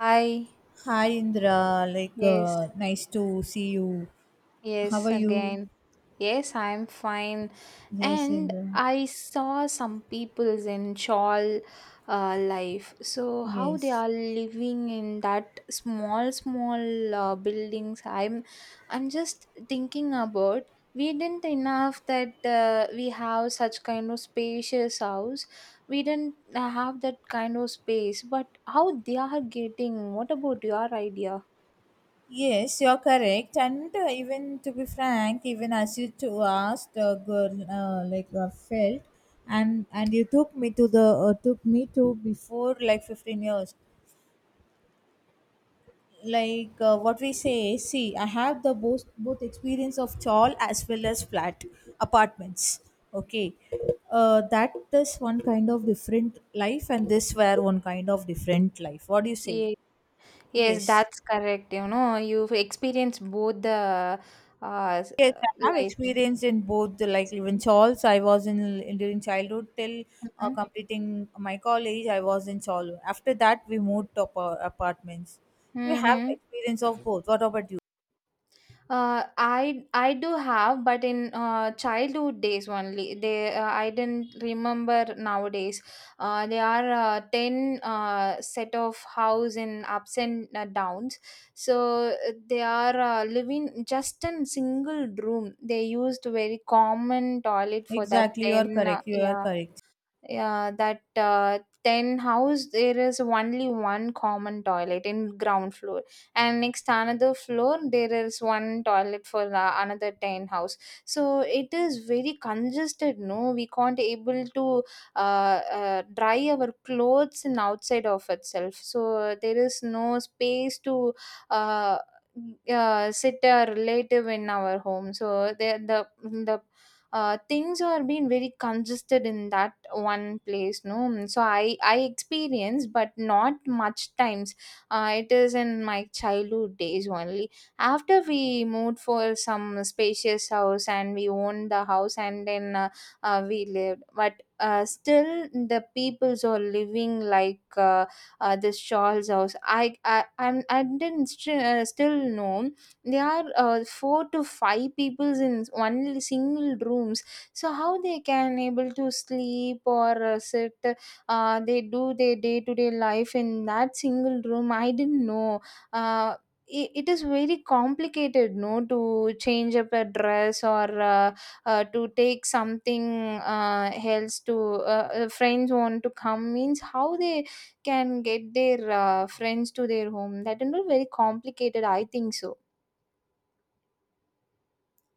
Hi, Hi Indra, yes, nice to see you. yes, How are you? again. Yes, I'm fine. Yes, And Indra. I saw some peoples in shawl life. So how they Yes. are living in that small, small buildings. I'm just thinking about. We didn't enough that we have such kind of spacious house. We didn't have that kind of space. But how they are getting? What about your idea? Yes, you're correct. And even to be frank, even as you to asked, girl, felt, and you took me to the took me to before like 15 years. What we say, see, I have the both experience of chawl as well as flat apartments. Okay. That, this one kind of different life and this were one kind of different life. What do you say? Yes, Yes. that's correct. You know, you've experienced both the uh, s- Yes, uh, I have life. experience in both the, like even chawls. I was in during childhood till Mm-hmm. completing my college. I was in chawl. After that we moved to apartments. We have Hmm. experience of both. What about you? I do have, but in childhood days only. They I didn't remember nowadays. There are 10 set of house in ups and downs. So they are living just in single room. They used very common toilet for that Exactly, you are 10. Correct, you are yeah. correct. Yeah, that 10 house there is only one common toilet in ground floor, and next another floor there is one toilet for another 10 house. So it is very congested, no, we can't able to uh, dry our clothes in outside of itself. So there is no space to uh, sit a relative in our home. So the things are being very congested in that one place, no. So I experience, but not much times. It is in my childhood days only. After we moved for some spacious house and we owned the house, and then we lived, but still the peoples are living like this Charles house. I didn't still know there are four to five peoples in one single room. So how they can able to sleep or sit? They do their day to day life in that single room, I didn't know. uh, it is very complicated, no, to change up a dress or to take something else, to friends want to come means how they can get their friends to their home. That is very complicated, I think. So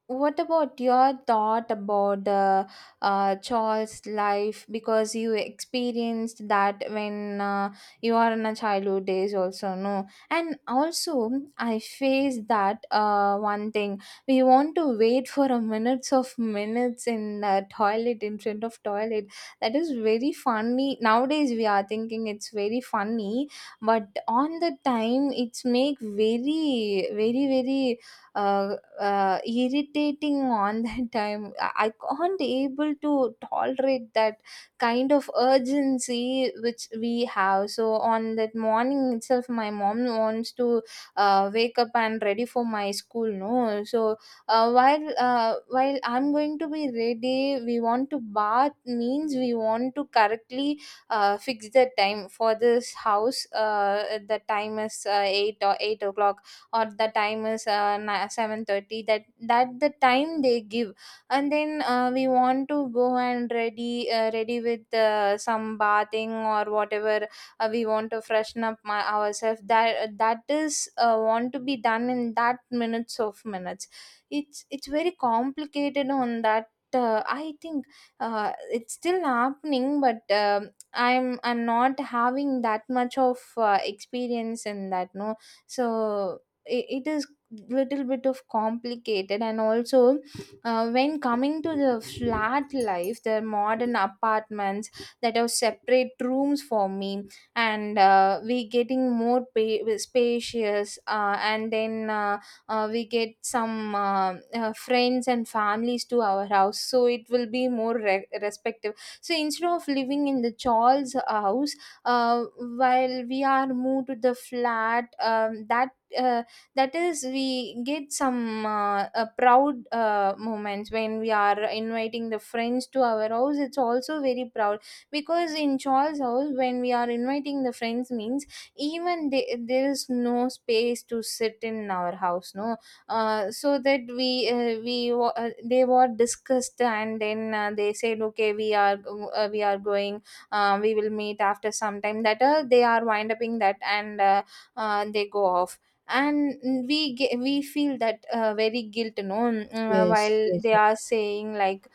what about your thought about the child's life, because you experienced that when you are in a childhood days also, no? And also I face that one thing. We want to wait for a minutes of minutes in the toilet, in front of toilet. That is very funny, nowadays we are thinking it's very funny, but on the time it's make very very very uh, irritating on that time. I can't able to tolerate that kind of urgency which we have. So on that morning itself, my mom wants to wake up and ready for my school, no. So while I'm going to be ready, we want to bath means we want to correctly fix the time for this house. The time is 8 or 8 o'clock, or the time is 7:30. That the time they give. And then we want to go and ready, ready with some bathing or whatever. We want to freshen up ourselves. That is want to be done in that minutes of minutes. It's very complicated on that, I think. It's still happening, but I'm not having that much of experience in that. No. So it is little bit of complicated. And also when coming to the flat life, the modern apartments that have separate rooms for me, and we getting more spacious, and then we get some friends and families to our house, so it will be more respective. So instead of living in the Charles house, uh, while we are moved to the flat, uh, that is we get some proud moments when we are inviting the friends to our house. It's also very proud, because in Charles house, when we are inviting the friends means even there is no space to sit in our house, no. So that they were discussed, and then they said, okay, we are going, we will meet after some time. That They are wind uping that, and they go off. And we feel that very guilt, while Yes, yes, they yes. are saying like,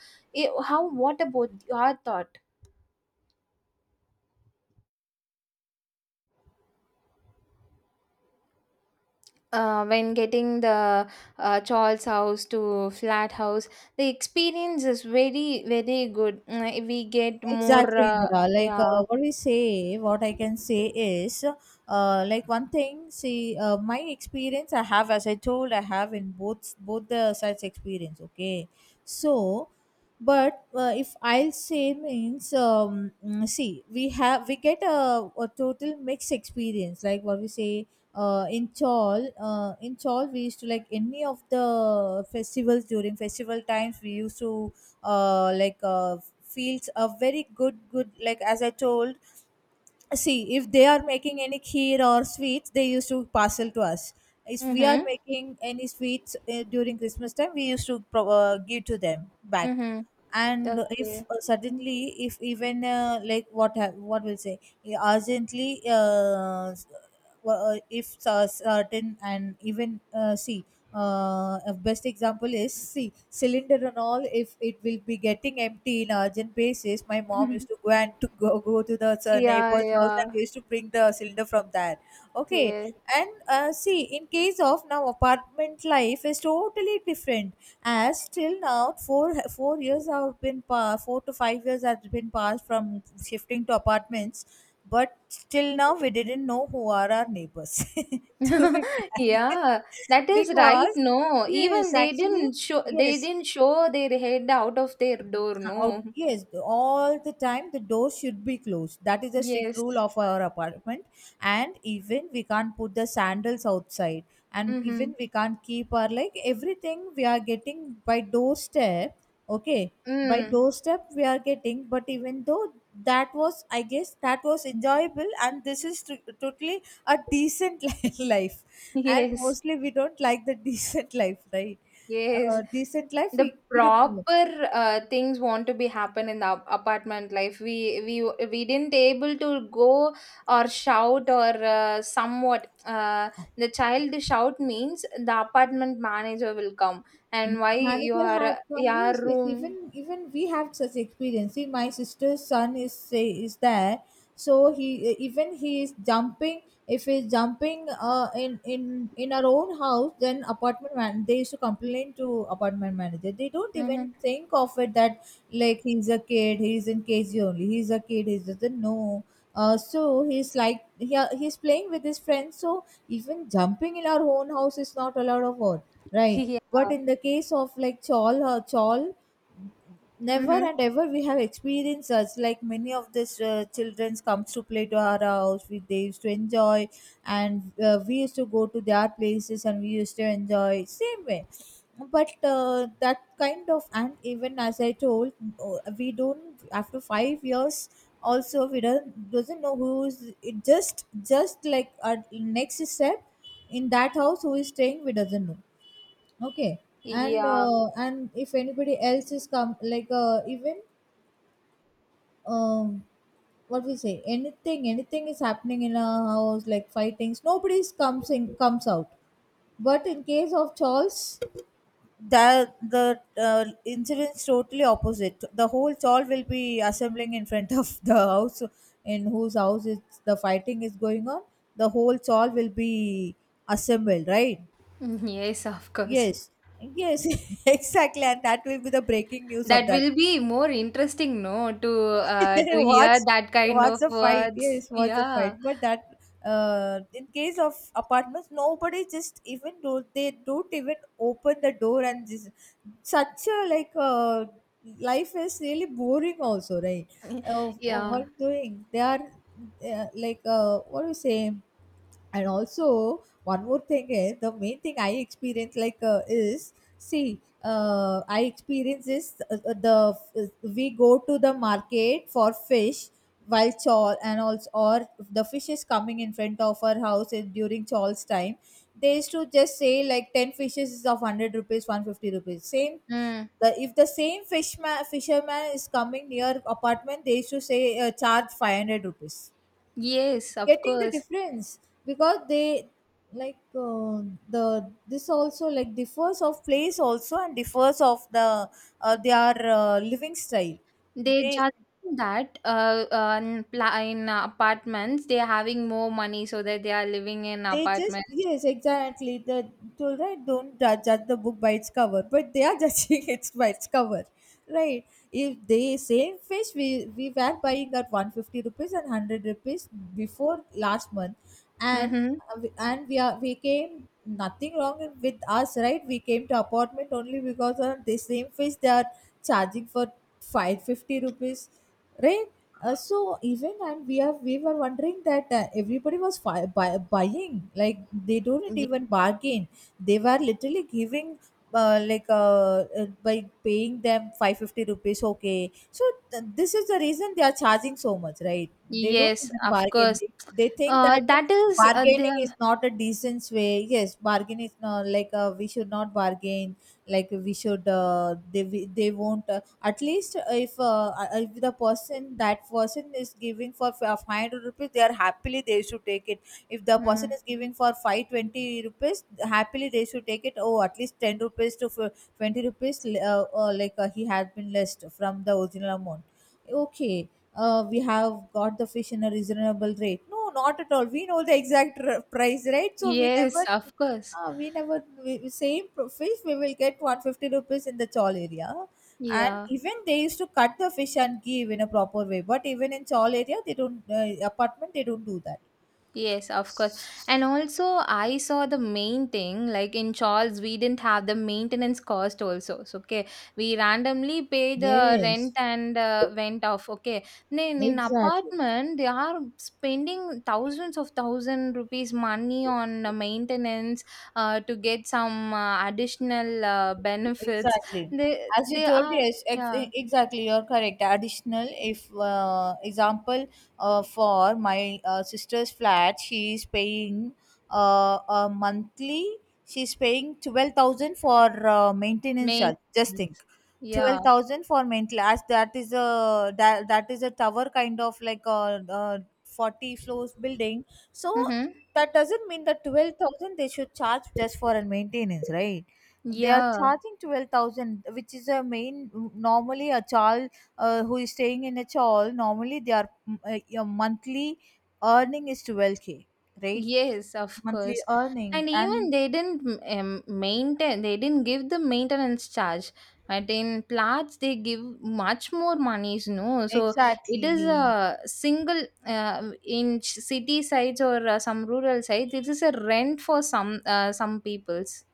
"Eh, how." What about your thought when getting the Charles house to flat house? The experience is very very good. Mm. Eh, we get more Exactly, Indira. Yeah. What we say, what I can say is, like one thing. See, my experience I have, as I told, I have in both the sides experience. Okay, so, but if I'll say means, see, we have we get a total mixed experience. Like what we say, in Chol, we used to, like, any of the festivals, during festival times. We used to feels a very good, like as I told. See, if they are making any kheer or sweets, they used to parcel to us. If we are Mm-hmm. making any sweets during Christmas time, we used to give to them back. Mm-hmm. And if Okay. Suddenly, if even like what will say, urgently, well, if certain, and even see, a best example is, see, cylinder and all, if it will be getting empty in urgent basis, my mom used to go and go to the Yeah, neighbor's house, yeah. and they used to bring the cylinder from there. Okay. Yes. And see, in case of, now apartment life is totally different. As till now four years have been 4 to 5 years have been passed from shifting to apartments. But till now, we didn't know who are our neighbors, to be frank. Yeah, that is right, Because, no. Even yes, they actually, didn't show, they yes, didn't show their head out of their door, out no. yes, all the time the door should be closed. That is a strict rule Yes. of our apartment. And even we can't put the sandals outside. And Mm-hmm. even we can't keep our, like, everything we are getting by doorstep. Okay, by Mm. doorstep we are getting. But even though, that was, I guess, that was enjoyable, and this is totally a decent life. And Yes. mostly we don't like the decent life, right? Yes. Decent life, The we didn't. proper things want to be happen in the apartment life. We we didn't able to go or shout or somewhat the child shout means the apartment manager will come, and why Manager your had come, your yes. Like, even room. even we have such experience. See, my sister's son is, say, is there. So he, even he is jumping. If he's jumping in in our own house, then apartment man, they used to complain to apartment manager. They don't even Mm-hmm. think of it that, like, he's a kid. He's in KG only. He's a kid, he doesn't know. So he's, like, he's playing with his friends. So even jumping in our own house is not allowed of all. Right. Yeah. But in the case of like chawl, or Chol, never Mm-hmm. and ever we have experienced such. Like, many of these childrens comes to play to our house. We, they used to enjoy. And we used to go to their places and we used to enjoy, same way. But that kind of, and even as I told, we don't, after 5 years, also we don't, doesn't know who is, it just like our next step in that house who is staying, we doesn't know. Okay. And Yeah. And if anybody else is come, like even, um what we say, anything is happening in our house, like fightings, nobody's comes in, comes out. But in case of Charles, that, the incident's totally opposite. The whole Charles will be assembling in front of the house, in whose house it's the fighting is going on. The whole Charles will be assembled, right? Mm, yes, of course. Yes, yes, exactly, and that will be the breaking news of That that. will be more interesting, no, to hear What's that kind what's of the fight? words. Yes, what's the Yeah. fight? But that, in case of apartments, nobody just even do, they don't even open the door. And just such a, life is really boring also, right? Yeah. What doing? They are what do you say? And also one more thing is the main thing I experience, is, see, I experience is, the uh, we go to the market for fish. While chawl and also, or the fish is coming in front of our house in, during chawl's time, they used to just say, like, 10 fishes is of 100 rupees, 150 rupees, same. Mm. The, if the same fishman, fisherman is coming near apartment, they used to say charge 500 rupees. Yes, of Getting the course. difference? Because they, like uh, the, this also, like, differs of place also and differs of the their living style. They they just think that in in apartments they are having more money, so that they are living in they just, apartments. yes, exactly, the told, right, don't judge the book by its cover, but they are judging it by its cover, right? If they same fish we were buying at 150 rupees and 100 rupees before, last month, Mm-hmm. and and we are, we came, nothing wrong with us, right? We came to apartment only. Because of the same fish they are charging for 550 rupees, right? So even, and we have, we were wondering that everybody was buying. Like, they don't Yeah. even bargain. They were literally giving by paying them 550 rupees. Okay, so this is the reason they are charging so much, right? They don't Yes, even of bargain. course. They think that That is their. bargaining is not a decent way. Yes, bargain is not, we should not bargain. Like, we should, they they won't at least, if uh, if the person, that person is giving for 500 rupees, they are happily they should take it. If the Mm. person is giving for 520 rupees, happily they should take it. Oh, at least 10 rupees to 20 rupees he has been less from the original amount. Okay. We have got the fish in a reasonable rate, no? Not at all. We know the exact price, right? So we Yes, never of course. We never, we, same fish we will get 150 rupees in the chawl area. And Yeah. even they used to cut the fish and give in a proper way. But even in Chawl area, they don't, apartment, they don't do that. Yes, of course. And also, I saw the main thing, like in Charles, we didn't have the maintenance cost also. So, okay, we randomly pay the rent Yes, and went off. Okay, then in exactly. apartment, they are spending thousands of thousand rupees money on maintenance to get some additional benefits. Exactly. They, As you they told, are, yes, yeah, exactly, you're correct. Additional, if example, for my sister's flat, she is paying a monthly, she's paying 12,000 for maintenance main, charge. Just think. yeah, 12,000 for maintenance, as that is a, that is a tower kind of, like a, 40 floors building. So mm-hmm. that doesn't mean that 12,000 they should charge just for a maintenance, right? They are Yeah. charging 12,000, which is a main, normally a child, who is staying in a chawl, normally they are, your monthly earning is 12K, right? Yes, of Monthly course. earning, And and even they didn't maintain, they didn't give the maintenance charge. But in Platts, they give much more monies, no? So it is exactly, a single, in city sides or some rural sides, it is a rent for some peoples.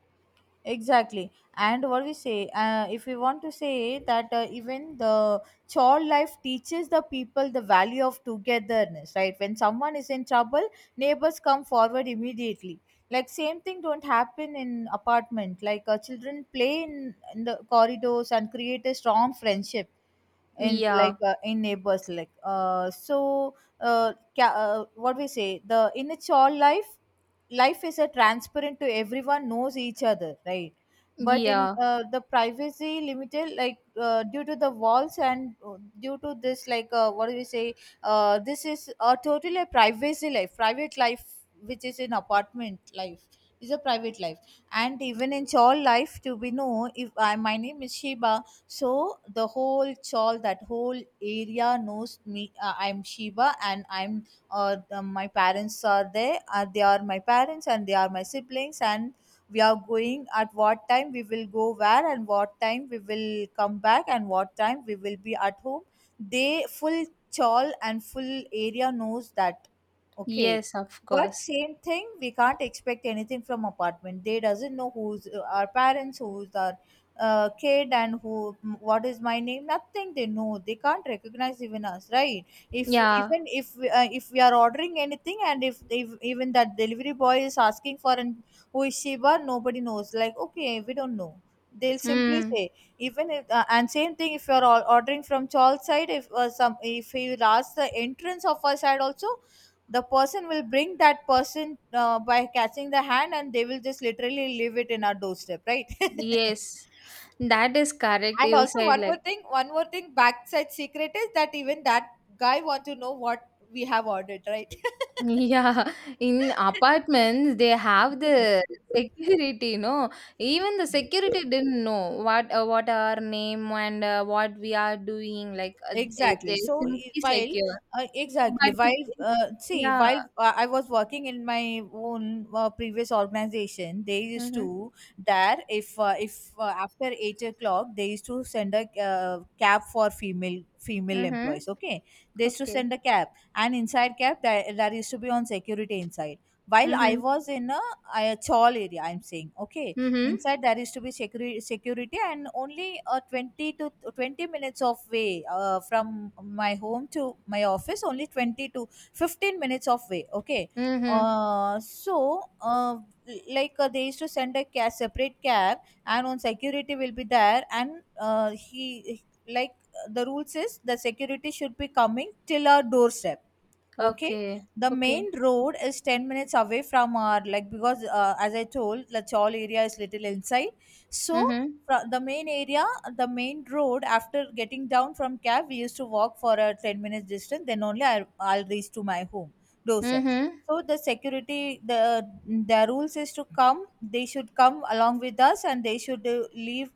exactly. And what we say, if we want to say that even the child life teaches the people the value of togetherness, right? When someone is in trouble, neighbors come forward immediately. Like, same thing don't happen in apartment. Like, children play in the corridors and create a strong friendship in, Yeah, in neighbors, so uh, what we say, the, in a child life, life is a transparent, to everyone knows each other, right? But in yeah, the privacy, limited, due to the walls and due to this, what do we say, this is a totally a privacy life, private life, which is in apartment life. Is a private life. And even in chawl life, to be know, if I, my name is Shiba, so the whole chawl, that whole area knows me. I'm Shiba and I'm, or the, my parents are there, they are my parents and they are my siblings. And we are going at what time we will go where and what time we will come back and what time we will be at home. They, full chawl and full area knows that. Okay. yes, of But course. same thing we can't expect anything from apartment. They doesn't know who's our parents, who's our kid, and who, what is my name, nothing they know. They can't recognize even us, right? If Yeah, even if We are ordering anything and if even that delivery boy is asking for an who is Shiba, nobody knows. Like, okay, we don't know, they'll simply mm, say even if and same thing if you're all ordering from Charles side, if some if he will ask the entrance of our side also, the person will bring that person by catching the hand and they will just literally leave it in our doorstep, right? yes. That is correct. And You also said one more like, thing, one more thing, backside secret is that even that guy want to know what we have ordered, right? yeah, in apartments they have the security, no? Even the security didn't know what our name and what we are doing. Like Exactly. they So simply while secure, exactly but the, while see yeah, while I was working in my own previous organization, they used mm-hmm, to that if after 8 o'clock they used to send a cab for female mm-hmm, employees. Okay, they used to okay, send a cab, and inside cab there used to be on security inside. While I mm-hmm, was in a chawl area, I'm saying okay, mm-hmm, inside there is to be security and only 20 to 20 minutes of way from my home to my office only 20 to 15 minutes of way, okay. mm-hmm, uh, so uh, like they used to send a separate cab and on security will be there, and he like the rules is the security should be coming till our doorstep. Okay, okay, the okay, main road is 10 minutes away from our like, because as I told, the all area is little inside. So mm-hmm, the main area, the main road, after getting down from cab, we used to walk for a 10 minutes distance, then only I'll reach to my home doorstep. mm-hmm. So the the rules is to come, they should come along with us and they should leave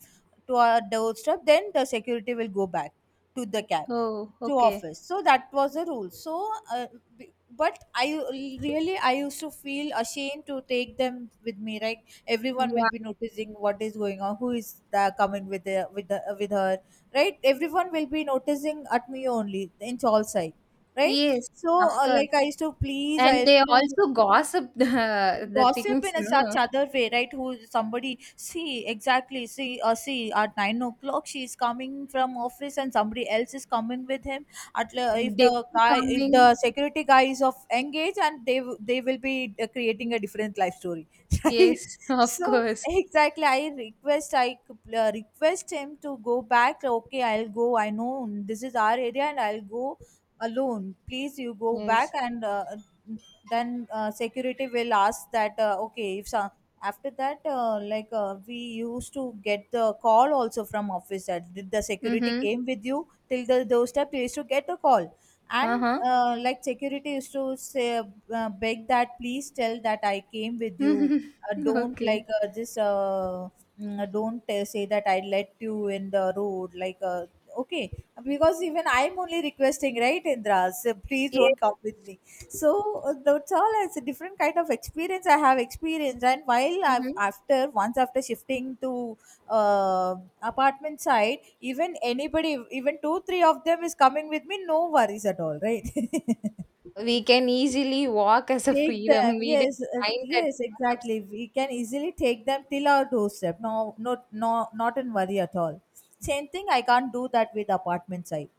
to our doorstep, then the security will go back to the cab Oh, to okay, office. So that was the rule. So but I really I used to feel ashamed to take them with me, right? Everyone will yeah, be noticing what is going on, who is the coming with the with the with her, right? Everyone will be noticing at me only in all side, right? yes, So of course. like I used to please I And used they to also gossip the gossip things, in such no? other way, right? Who somebody see exactly see see at 9 o'clock she is coming from office and somebody else is coming with him, if They the guy, if coming. the security guy is of engaged, and they they will be creating a different life story. Right? Yes, of So course. exactly I request him to go back, okay, I'll go, I know this is our area and I'll go alone, please you go back. Yes. And then security will ask that okay if so, after that like we used to get the call also from office that did the security Mm-hmm. came with you till the doorstep, you used to get a call. And Uh-huh. Like security used to say beg that please tell that I came with you, don't Okay. like don't say that I let you in the road, like okay, because even I'm only requesting, right, Indra, so please Yes. don't come with me. So that's all, it's a different kind of experience I have experienced. And while I've Mm-hmm. after once after shifting to uh, apartment side, even anybody, even two three of them is coming with me, no worries at all, right? We can easily walk as a Take freedom. them, We didn't yes mind that. It yes was obs-. exactly, we can easily take them till our doorstep, no, not no not in worry at all. Same thing I can't do that with apartment side.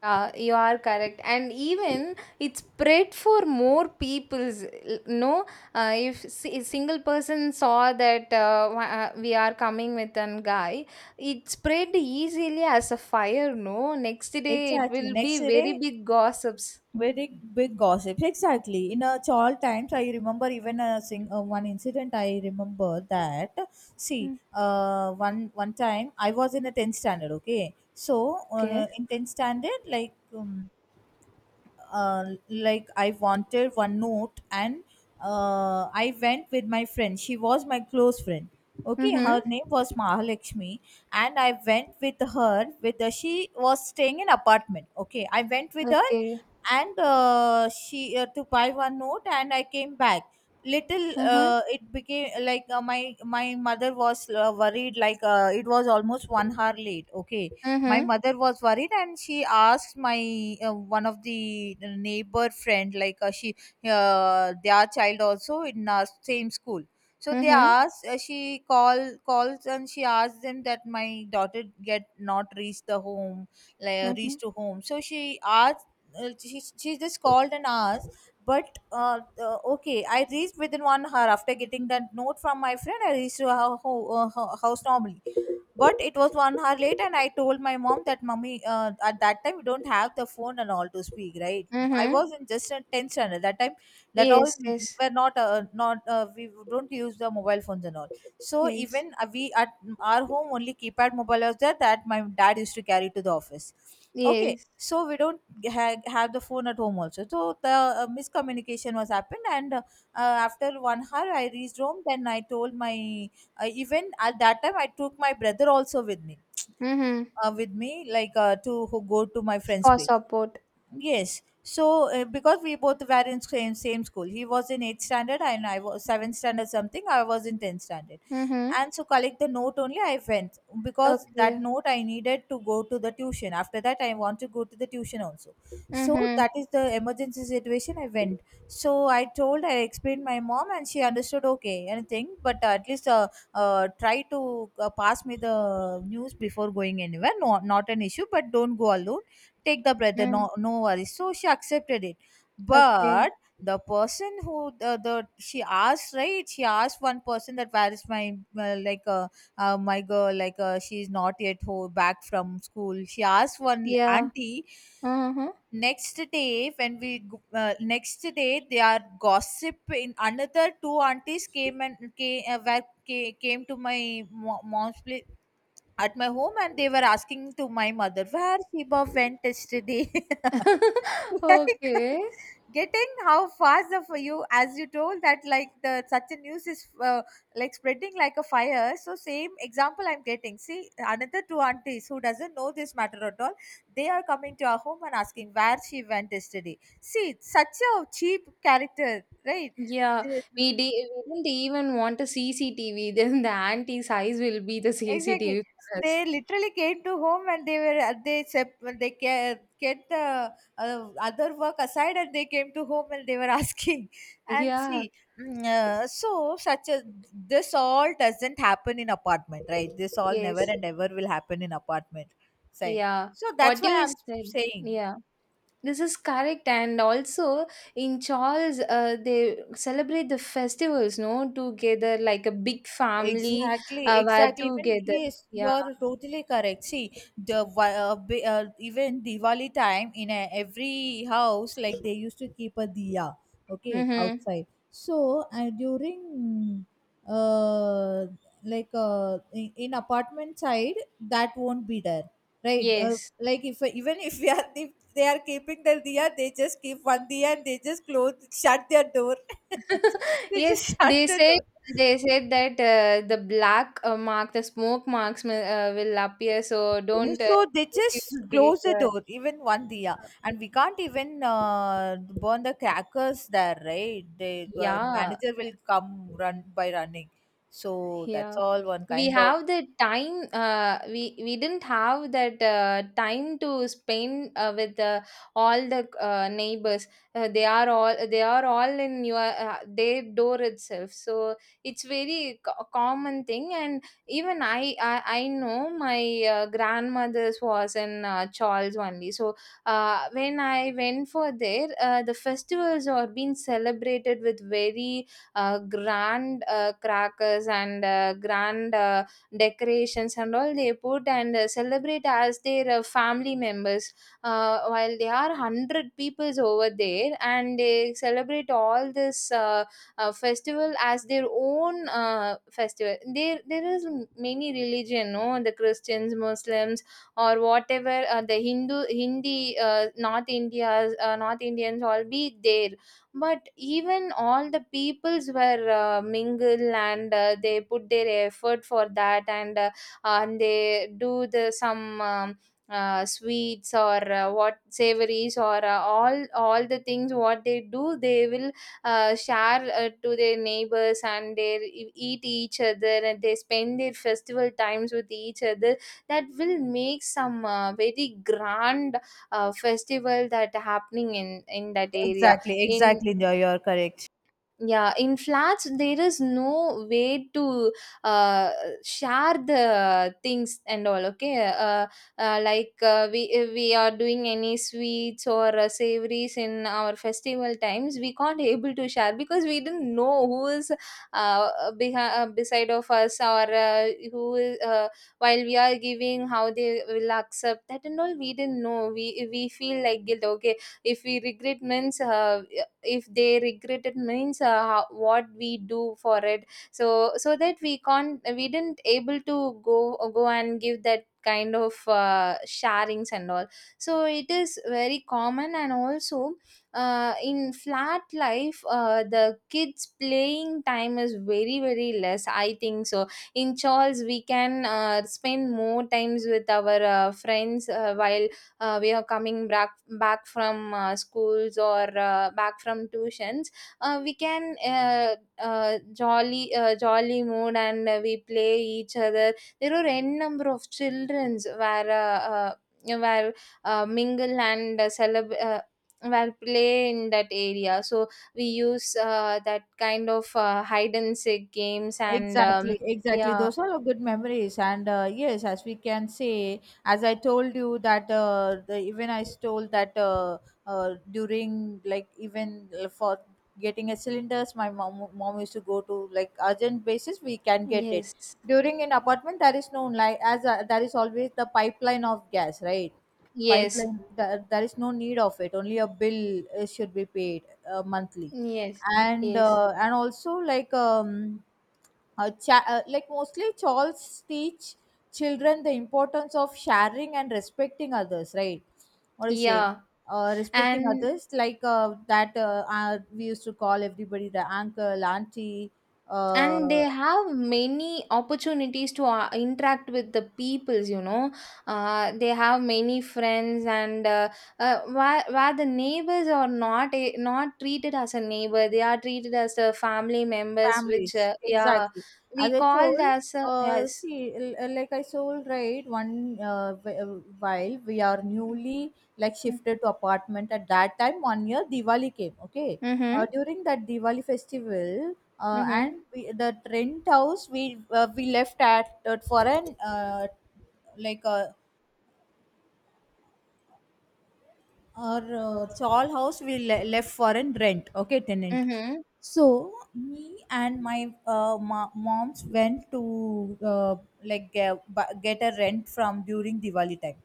You are correct. And even it spread for more people's. L- no, if a single person saw that we are coming with an guy, it spread easily as a fire. No, next day it Exactly, will be next very day big gossips. very big gossips. Exactly, in a child times I remember even a sing one incident I remember that, see one time I was in a 10th standard, okay. So Okay. In 10th standard like I wanted one note, and I went with my friend. She was my close friend. Okay, Mhm. her name was Mahalakshmi, and I went with her. With her, she was staying in apartment. Okay, I went with her, Okay. and she to buy one note, and I came back. Little, Mhm. It became like my mother was worried. Like it was almost 1 hour late. Okay, my Mhm. mother was worried and she asked my one of the neighbor friend, like she their child also in our same school, so they Mhm. asked she calls and she asked them that my daughter get not reached the home, like Mhm. reached to home. So she asked she just called and asked. But okay I reached within 1 hour, after getting that note from my friend I reached to her house normally, but it was 1 hour late and I told my mom that mummy, at that time we don't have the phone and all to speak, right? I Mhm. was in just a 10th standard that time, that all Yes. Yes. were not we don't use the mobile phones and all. So Yes. even we at our home only keypad mobile was there, that my dad used to carry to the office. Okay, Yes. so we don't have the phone at home also. So the miscommunication was happened, and after 1 hour I reached home, then I told my even at that time, I took my brother also with me, Mhm. Like to go to my friend's For place. support. Yes. So because we both were in same school, he was in eighth standard and I was seventh standard something. I was in tenth standard, Mhm. and so collect the note only I went, because that Okay. note I needed to go to the tuition. After that, I want to go to the tuition also. So Mhm. that is the emergency situation, I went. So I told I explained my mom and she understood okay anything, but at least try to pass me the news before going anywhere. No, not an issue, but don't go alone, take the brother, Mm. no no worries. So she accepted it. Okay. But the person who the she asked, right, she asked one person that where is my like my girl, like she's not yet back from school, she asked one Yeah. auntie. Uh-huh. Next day when we next day they are gossiping, another two aunties came and came to my mom's place, at my home, and they were asking to my mother where Sheba went yesterday. Like Okay. getting how fast of you, as you told that, like the such a news is like spreading like a fire. So same example I'm getting, see another two aunties who doesn't know this matter at all, they are coming to our home and asking where she went yesterday. See such a cheap character, right? Yeah. They- We, di- we didn't even want a CCTV. Then the auntie's eyes will be the exactly CCTV for they us. literally came to home and they were they sep- they ca- get the other work aside and they came to home and they were asking. And Yeah. see so such a this all doesn't happen in apartment, right? This all never Yes. and ever will happen in apartment side, Yeah. so that's What why you I'm said. saying. Yeah. This is correct, and also in Charles, they celebrate the festivals, no, together like a big family, Exactly, were exactly. Even together. yes, Yeah. you're totally correct. See, the even Diwali time, in a, every house, like they used to keep a diya, okay, Mm-hmm. outside. So and during, uh, like in apartment side, that won't be there, right? Yes. Like if even if we are if they are keeping their diya, they just keep one diya and they just close shut their door. They Yes. just shut the door. They said that the black mark, the smoke marks will appear, so No, don't so they just use the close the door, even one diya, and we can't even burn the crackers there, right? The yeah. manager will come run by running. So that's Yeah, all one we kind of have the time. We didn't have that time to spend with all the neighbors. They are all they are all in your their door itself, so it's very common thing. And even I know my grandmother's was in Charles only. So when I went for there, the festivals are being celebrated with very grand crackers and grand decorations and all they put, and celebrate as their family members. While there are 100 peoples over there, and they celebrate all this festival as their own festival. There is many religion, no, the Christians, Muslims or whatever, the Hindu, Hindi, north India's, north Indians, all be there. But even all the peoples were mingle, and they put their effort for that. And and they do the some sweets or what savories or all the things what they do, they will share to their neighbors, and they eat each other, and they spend their festival times with each other. That will make some very grand festival that happening in that area. exactly, In, exactly, you're correct. yeah, in flats there is no way to uh, share the things and all. Okay. Like, we, if we are doing any sweets or savories in our festival times, we can't able to share, because we didn't know who is uh, behind, beside of us, or who is, while we are giving, how they will accept that and all. We didn't know. We feel like guilt. Okay, if we regret means, if they regret it means, how, what we do for it. So, so that we can't, we didn't able to go and give that kind of sharings and all. So it is very common. And also in flat life, the kids playing time is very very less, I think. So in Charles, we can spend more times with our friends. While we are coming back from schools, or back from tuitions, we can jolly, jolly mood, and we play each other. There are n number of childrens where uh, where mingle and celebrate, where play in that area. So we use that kind of hide and seek games and Exactly, exactly. yeah. Those are all good memories, and yes, as we can say, as I told you that even I stole that during like even for getting a cylinders, my mom used to go to like urgent basis. We can get it Yes, during an apartment. There is no like as there is always the pipeline of gas, right? yes, Pipeline. There is no need of it. Only a bill should be paid monthly, yes, yes, and also like like mostly Charles teach children the importance of sharing and respecting others, right? What do you say? yeah. Respecting and others, like that we used to call everybody the uncle, auntie, and they uh, have many opportunities to interact with the peoples. They have many friends. Where the neighbors are not a, not treated as a neighbor, they are treated as a family members, which, families yeah, exactly, as we I called told as a, yes. see like I told, right, one uh, wh- uh, while we are newly like shifted to apartment, at that time 1 year Diwali came, okay. Uh, Mm-hmm, during that Diwali festival, mm-hmm, and we, the rent house we left at for an like a our chawl house we left for a rent, okay, tenant. mm-hmm, So me and my moms went to like ge- get a rent from during Diwali time,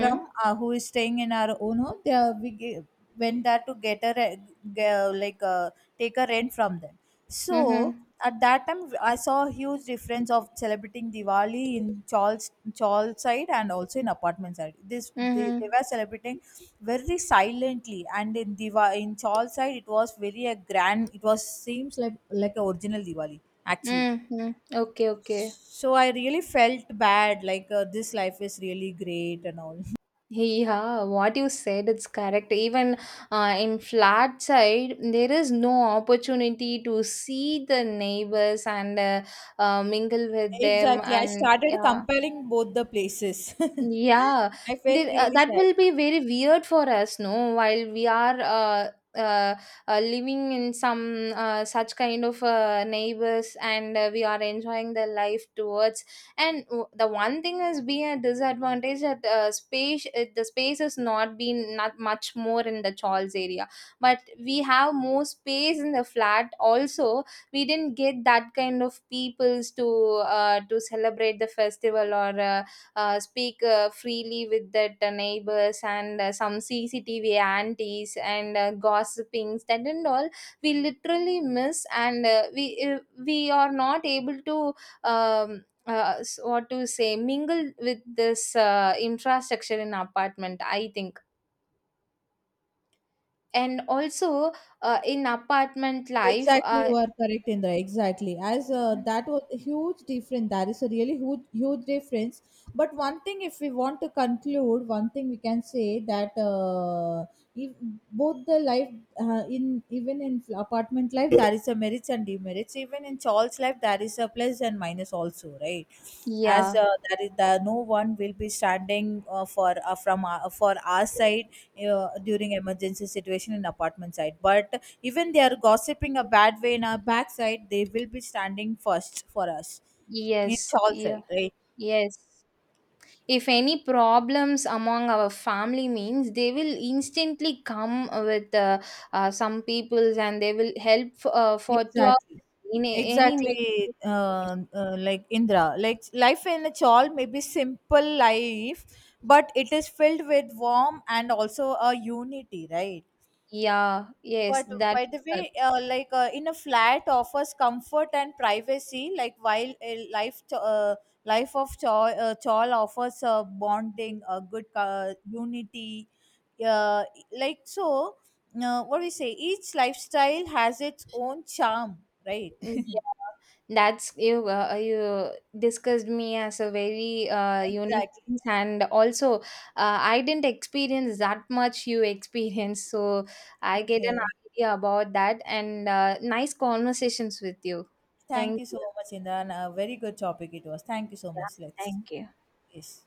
from who is staying in our own home, they are, we went there to get a like take a rent from them. So mm-hmm, at that time, I saw a huge difference of celebrating Diwali in Charles side and also in apartment side. This they mm-hmm, were celebrating very silently, and in Diva in Charles side it was very a grand. It was seems like a original Diwali actually. mm-hmm. Okay, okay. So I really felt bad. Like this life is really great and all. Yeah, what you said it's correct. Even in flat side, there is no opportunity to see the neighbors, and mingle with them, Exactly, I and started yeah, comparing both the places. yeah, I felt they, really that sad. will be very weird for us, no? While we are uh, living in some such kind of neighbors, and we are enjoying the life towards. And the one thing is being a disadvantage, that space the space has not been not much more in the Charles area, but we have more space in the flat. Also, we didn't get that kind of peoples to celebrate the festival or. Speak freely with that neighbors, and some CCTV aunties and gossipings that and all, we literally miss. And we are not able to what to say, mingle with this infrastructure in apartment, I think. And also in apartment life, Exactly, you are correct, Indra. Exactly, as that was a huge difference. That is a really huge, huge difference. But one thing, if we want to conclude, one thing we can say that if both the life in even in apartment life there is a merits and demerits. Even in Charles' life there is a plus and minus also, right? As yeah. There is the, no one will be standing for from our, for our side during emergency situation in apartment side, but even they are gossiping a bad way in our backside, they will be standing first for us. It's Yes, all yeah, side, right? yes, if any problems among our family means, they will instantly come with some peoples, and they will help for throughout Exactly. in any medical Exactly, situation. Like Indra. Like life in a chawl may be simple life, but it is filled with warmth and also a unity, right? Yeah, yes, But that by the is correct. way, like in a flat offers comfort and privacy, like while a life of chawl, chawl offers bonding, a good unity, uh, like so. What we say, each lifestyle has its own charm, right? Mm, yeah, that's you discussed me as a very unique Exactly. things. And also I didn't experience that much, you experienced. So I get an Okay. idea about that. And nice conversations with you. Thank Thank you you. so much, Indra. And a very good topic it was. Thank you so Yeah, much. Let's thank you. yes.